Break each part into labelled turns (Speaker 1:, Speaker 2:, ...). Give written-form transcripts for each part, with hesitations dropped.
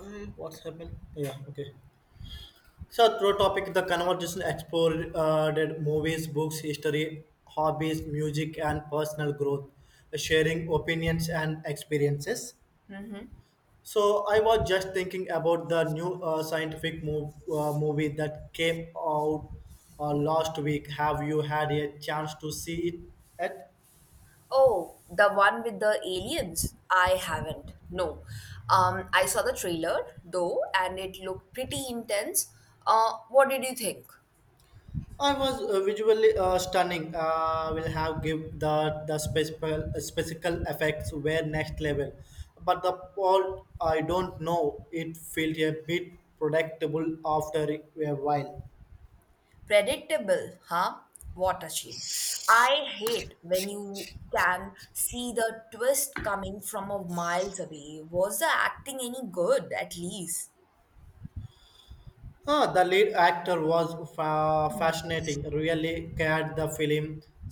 Speaker 1: What's happened? Yeah, okay. So, through topic, the conversation explored that movies, books, history, hobbies, music, and personal growth, sharing opinions and experiences. So, I was just thinking about the new uh, scientific movie that came out last week. Have you had a chance to see it yet?
Speaker 2: Oh, the one with the aliens? I haven't. No. I saw the trailer though, and it looked pretty intense. What did you think?
Speaker 1: I was visually stunning. Will have give the special effects were next level, but the plot I don't know. It felt a bit predictable after a while.
Speaker 2: Predictable, huh? What a shame. I hate when you can see the twist coming from a miles away. Was the acting any good, at least?
Speaker 1: Ah, the lead actor was fascinating. Really carried the film.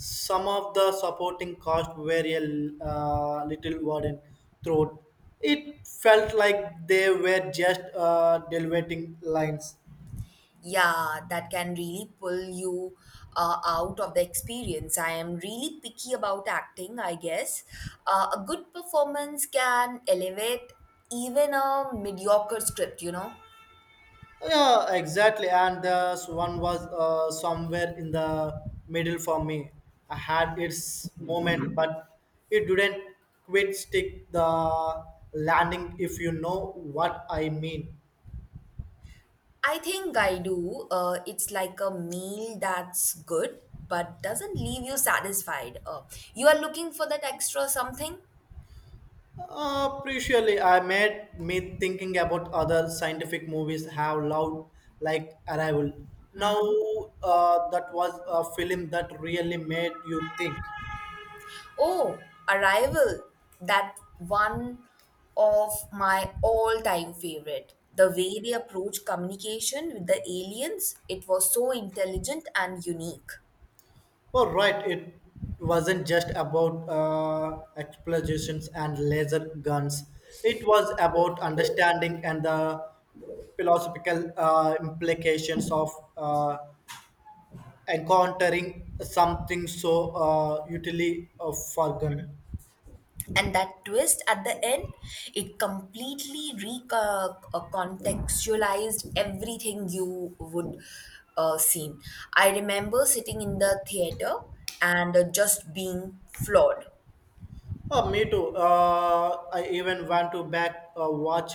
Speaker 1: Some of the supporting cast were a little wooden throat. It felt like they were just delivering lines.
Speaker 2: Yeah, that can really pull you out of the experience. I am really picky about acting, I guess. A good performance can elevate even a mediocre script.
Speaker 1: Yeah, exactly. And this one was somewhere in the middle for me. I had its moment, but it didn't quite stick the landing, if you know what I mean.
Speaker 2: I think I do. It's like a meal that's good but doesn't leave you satisfied. You are looking for that extra something.
Speaker 1: Appreciably, I made me thinking about other scientific movies have loved, like Arrival. Now, that was a film that really made you think.
Speaker 2: Oh, Arrival. That one of my all-time favorite. The way they approach communication with the aliens, it was so intelligent and unique.
Speaker 1: Oh, right. It wasn't just about explosions and laser guns. It was about understanding and the philosophical implications of uh, encountering something so utterly forgotten.
Speaker 2: And that twist at the end, it completely recontextualized everything you would seen. I remember sitting in the theater and just being floored.
Speaker 1: Oh, me too. I even went to back watch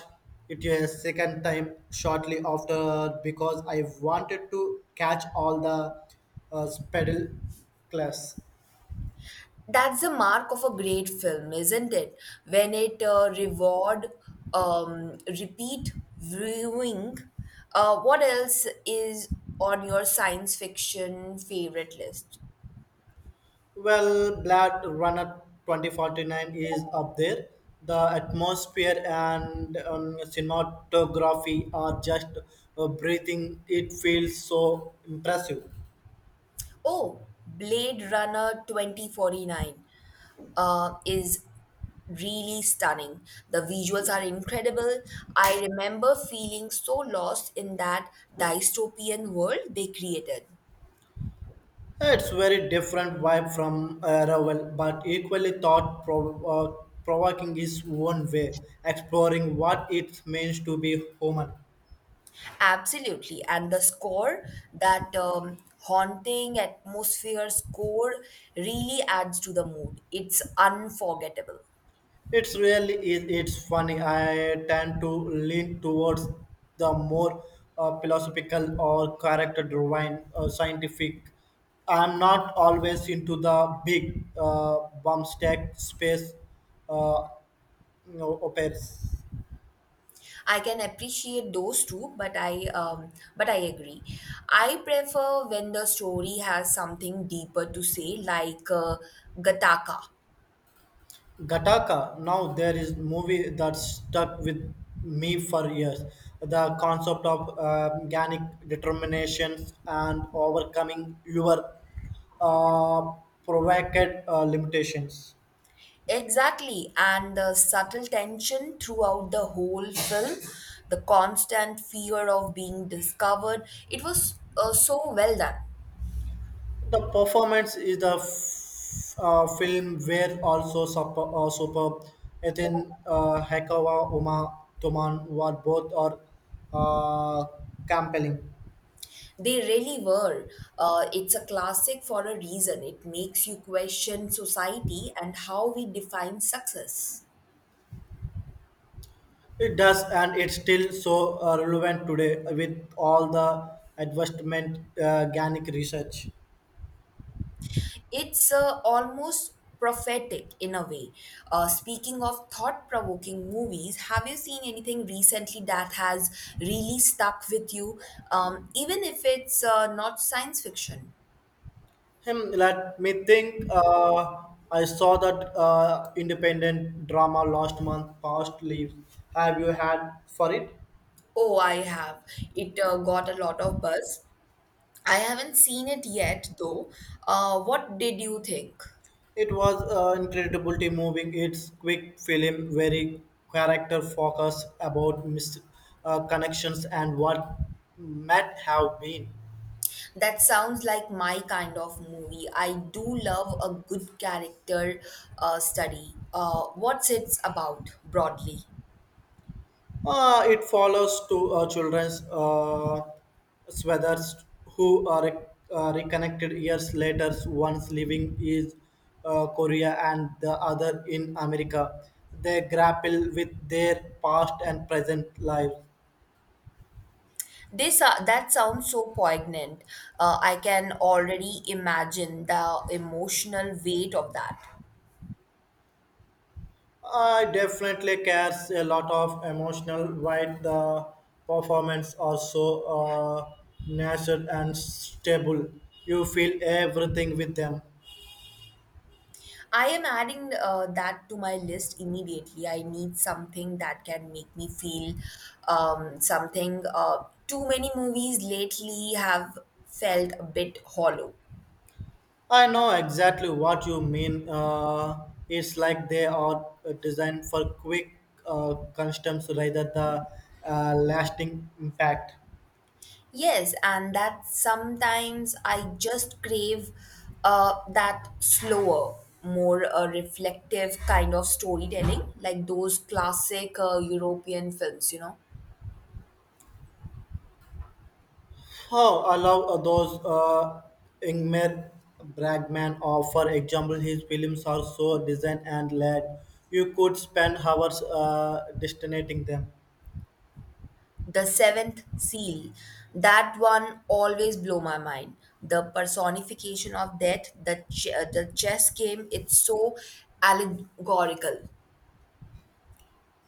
Speaker 1: it a second time shortly after because I wanted to catch all the pedal class.
Speaker 2: That's the mark of a great film, isn't it? When it reward repeat viewing. What else is on your science fiction favorite list?
Speaker 1: Well, Blade Runner 2049 is up there. The atmosphere and cinematography are just breathing. It feels so impressive.
Speaker 2: Oh, Blade Runner 2049 is really stunning. The visuals are incredible. I remember feeling so lost in that dystopian world they created.
Speaker 1: It's very different vibe from Arrival, but equally thought provoking is one way, exploring what it means to be human.
Speaker 2: Absolutely. And the score, that haunting atmosphere score, really adds to the mood. It's unforgettable.
Speaker 1: It's really is. It's funny. I tend to lean towards the more philosophical or character-driven, scientific. I'm not always into the big bombastic space uh, you know, operas.
Speaker 2: I can appreciate those two, but I agree. I prefer when the story has something deeper to say, like Gataka.
Speaker 1: Gattaca. Now there is movie that stuck with me for years. The concept of organic determinations and overcoming your uh, provocative limitations.
Speaker 2: Exactly, and the subtle tension throughout the whole film, the constant fear of being discovered. It was so well done.
Speaker 1: The performance is the film where also super, superb. Ethan Hekawa, Uma Tuman were both are uh, compelling.
Speaker 2: They really were. It's a classic for a reason. It makes you question society and how we define success.
Speaker 1: It does, and it's still so relevant today with all the advancement organic research.
Speaker 2: It's almost prophetic in a way. Speaking of thought provoking movies, have you seen anything recently that has really stuck with you, even if it's not science fiction?
Speaker 1: Hmm, let me think. I saw that independent drama last month, Past Leaves. Have you had for it?
Speaker 2: Oh, I have. It got a lot of buzz. I haven't seen it yet, though. What did you think?
Speaker 1: It was incredibly moving. It's quick film, very character focused about connections and what might have been.
Speaker 2: That sounds like my kind of movie. I do love a good character study. What's it about broadly?
Speaker 1: It follows two children's swathers who are reconnected years later, one's living in Korea and the other in America. They grapple with their past and present lives.
Speaker 2: This That sounds so poignant. I can already imagine the emotional weight of that.
Speaker 1: I definitely cares a lot of emotional while the performance also natural and stable. You feel everything with them.
Speaker 2: I am adding that to my list immediately. I need something that can make me feel something. Too many movies lately have felt a bit hollow.
Speaker 1: I know exactly what you mean. It's like they are designed for quick customs rather the lasting impact.
Speaker 2: Yes, and that sometimes I just crave that slower, more reflective kind of storytelling, like those classic European films, you know.
Speaker 1: How allow those Ingmar Bergman, or for example, his films are so designed and led. You could spend hours destinating them.
Speaker 2: The Seventh Seal, that one always blow my mind. The personification of death, the chess game, it's so allegorical.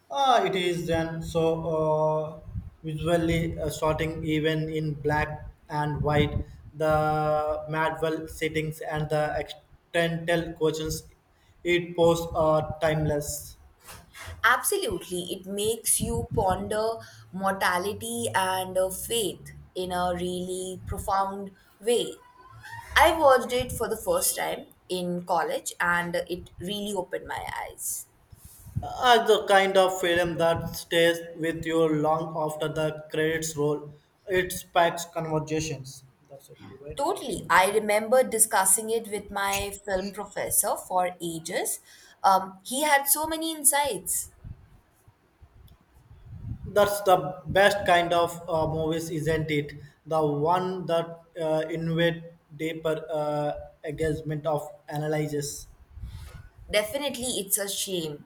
Speaker 1: Ah, it is then so uh, visually starting even in black and white, the Madwell settings and the external questions it poses are timeless.
Speaker 2: Absolutely. It makes you ponder mortality and faith in a really profound way. I watched it for the first time in college and it really opened my eyes.
Speaker 1: As the kind of film that stays with you long after the credits roll, it sparks conversations. That's a great guy.
Speaker 2: Totally. I remember discussing it with my film professor for ages. He had so many insights.
Speaker 1: That's the best kind of movies, isn't it? The one that invade deeper engagement of analysis.
Speaker 2: Definitely, it's a shame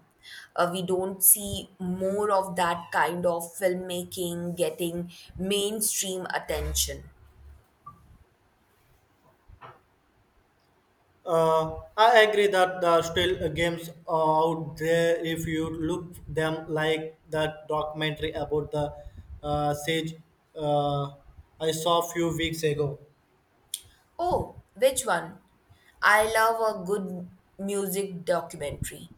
Speaker 2: we don't see more of that kind of filmmaking getting mainstream attention.
Speaker 1: I agree that the still games out there. If you look them like that documentary about the sage uh, I saw a few weeks ago.
Speaker 2: Oh, which one? I love a good music documentary.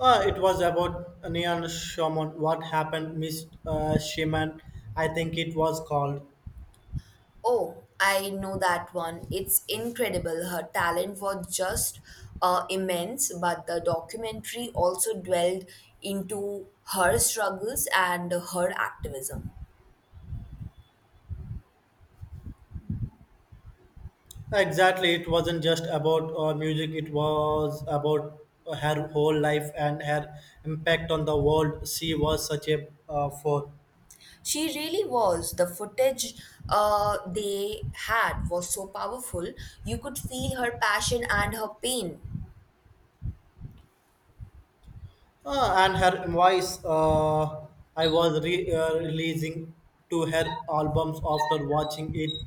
Speaker 1: It was about Neon Shaman. What happened, Miss Shaman? I think it was called.
Speaker 2: Oh, I know that one. It's incredible. Her talent was just immense, but the documentary also dwelled into her struggles and her activism.
Speaker 1: Exactly, it wasn't just about music, it was about her whole life and her impact on the world. She was such a force.
Speaker 2: She really was. The footage they had was so powerful. You could feel her passion and her pain.
Speaker 1: And her voice, uh, I was releasing to her albums after watching it,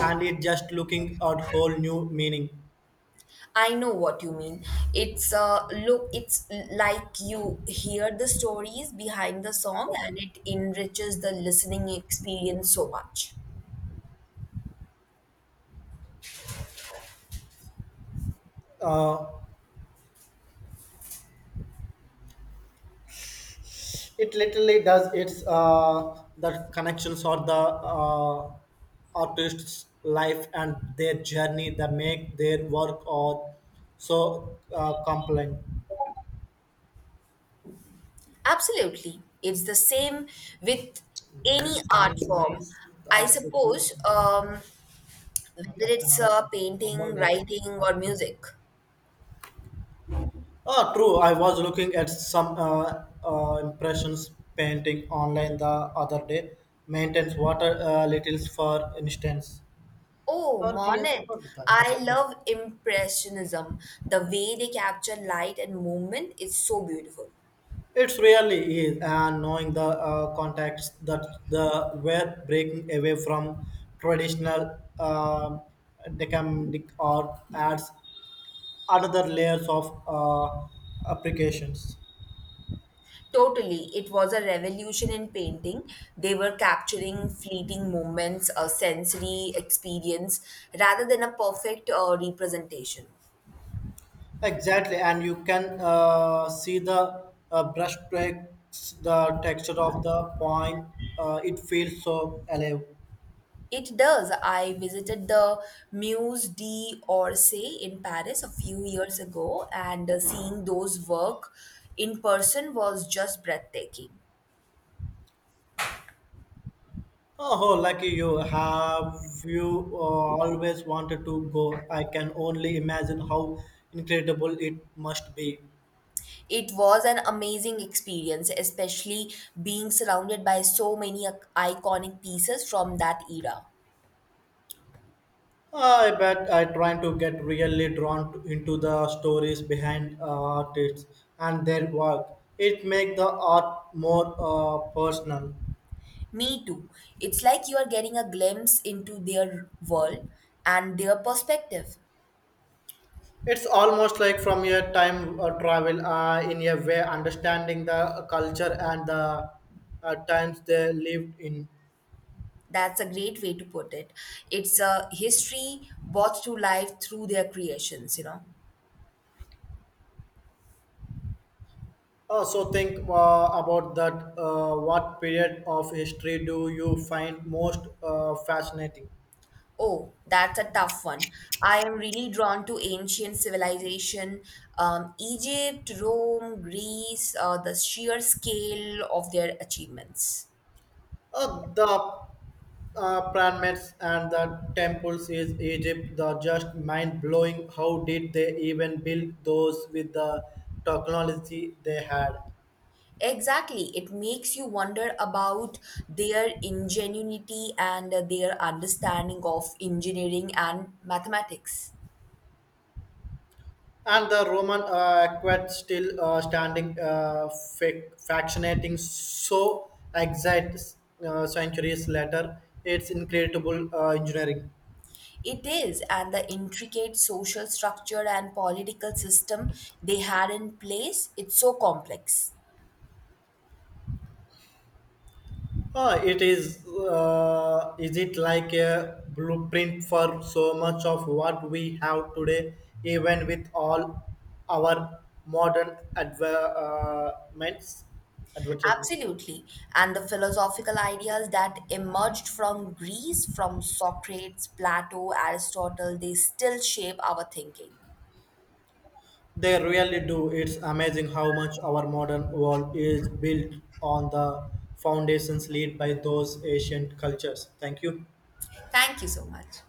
Speaker 1: and it just looking at whole new meaning.
Speaker 2: I know what you mean. It's look. It's like you hear the stories behind the song, and it enriches the listening experience so much.
Speaker 1: Uh, it literally does it's the connections or the uh, artist's life and their journey that make their work or so compelling.
Speaker 2: Absolutely, it's the same with any
Speaker 1: Nice,
Speaker 2: art
Speaker 1: nice nice
Speaker 2: form.
Speaker 1: Nice
Speaker 2: I
Speaker 1: that's good
Speaker 2: suppose
Speaker 1: man మా
Speaker 2: whether
Speaker 1: captain
Speaker 2: it's
Speaker 1: అడగ అమ్మోలు
Speaker 2: painting,
Speaker 1: లేదు
Speaker 2: writing,
Speaker 1: మా
Speaker 2: or
Speaker 1: captain
Speaker 2: music.
Speaker 1: ah true I was looking at some impressions painting online the other day maintains water littles for instance
Speaker 2: Oh,
Speaker 1: heart
Speaker 2: Monet.
Speaker 1: ఎప్పుడు.
Speaker 2: I love Impressionism. The way they capture light and movement is so beautiful.
Speaker 1: It's really is, and knowing the contacts that the were breaking away from traditional decamedic or adds another layers of applications.
Speaker 2: Totally, it was a revolution in painting. They were capturing fleeting moments, a sensory experience, rather than a perfect representation.
Speaker 1: Exactly, and you can see the brush strokes, the texture of the point. It feels so alive.
Speaker 2: It does. I visited the Musée d'Orsay in Paris a few years ago, and seeing those work in person was just breathtaking.
Speaker 1: Oh, lucky you. Have you always wanted to go? I can only imagine how incredible it must be.
Speaker 2: It was an amazing experience, especially being surrounded by so many iconic pieces from that era.
Speaker 1: I bet I trying to get really drawn into the stories behind artists and their work. It makes the art more personal.
Speaker 2: Me too. It's like you are getting a glimpse into their world and their perspective.
Speaker 1: It's almost like from your time travel in a way, understanding the culture and the times they lived in.
Speaker 2: That's a great way to put it. It's a history brought to life through their creations, you know.
Speaker 1: So think about that. What period of history do you find most fascinating?
Speaker 2: Oh, that's a tough one. I am really drawn to ancient civilization, Egypt, Rome, Greece, the sheer scale of their achievements.
Speaker 1: The pyramids and the temples is Egypt. The just mind blowing. How did they even build those with the technology they had?
Speaker 2: Exactly. It makes you wonder about their ingenuity and their understanding of engineering and mathematics.
Speaker 1: And the Roman aqueduct still standing, fascinating. So exact centuries later, it's incredible engineering.
Speaker 2: It is, and the intricate social structure and political system they had in place, it's so complex.
Speaker 1: Ah, it is. Is it like a blueprint for so much of what we have today, even with all our modern advancements? Advertisement.
Speaker 2: Absolutely. And the philosophical ideas that emerged from Greece, from Socrates, Plato, Aristotle, they still shape our thinking.
Speaker 1: They really do. It's amazing how much our modern world is built on the foundations laid by those ancient cultures. Thank you.
Speaker 2: Thank you so much.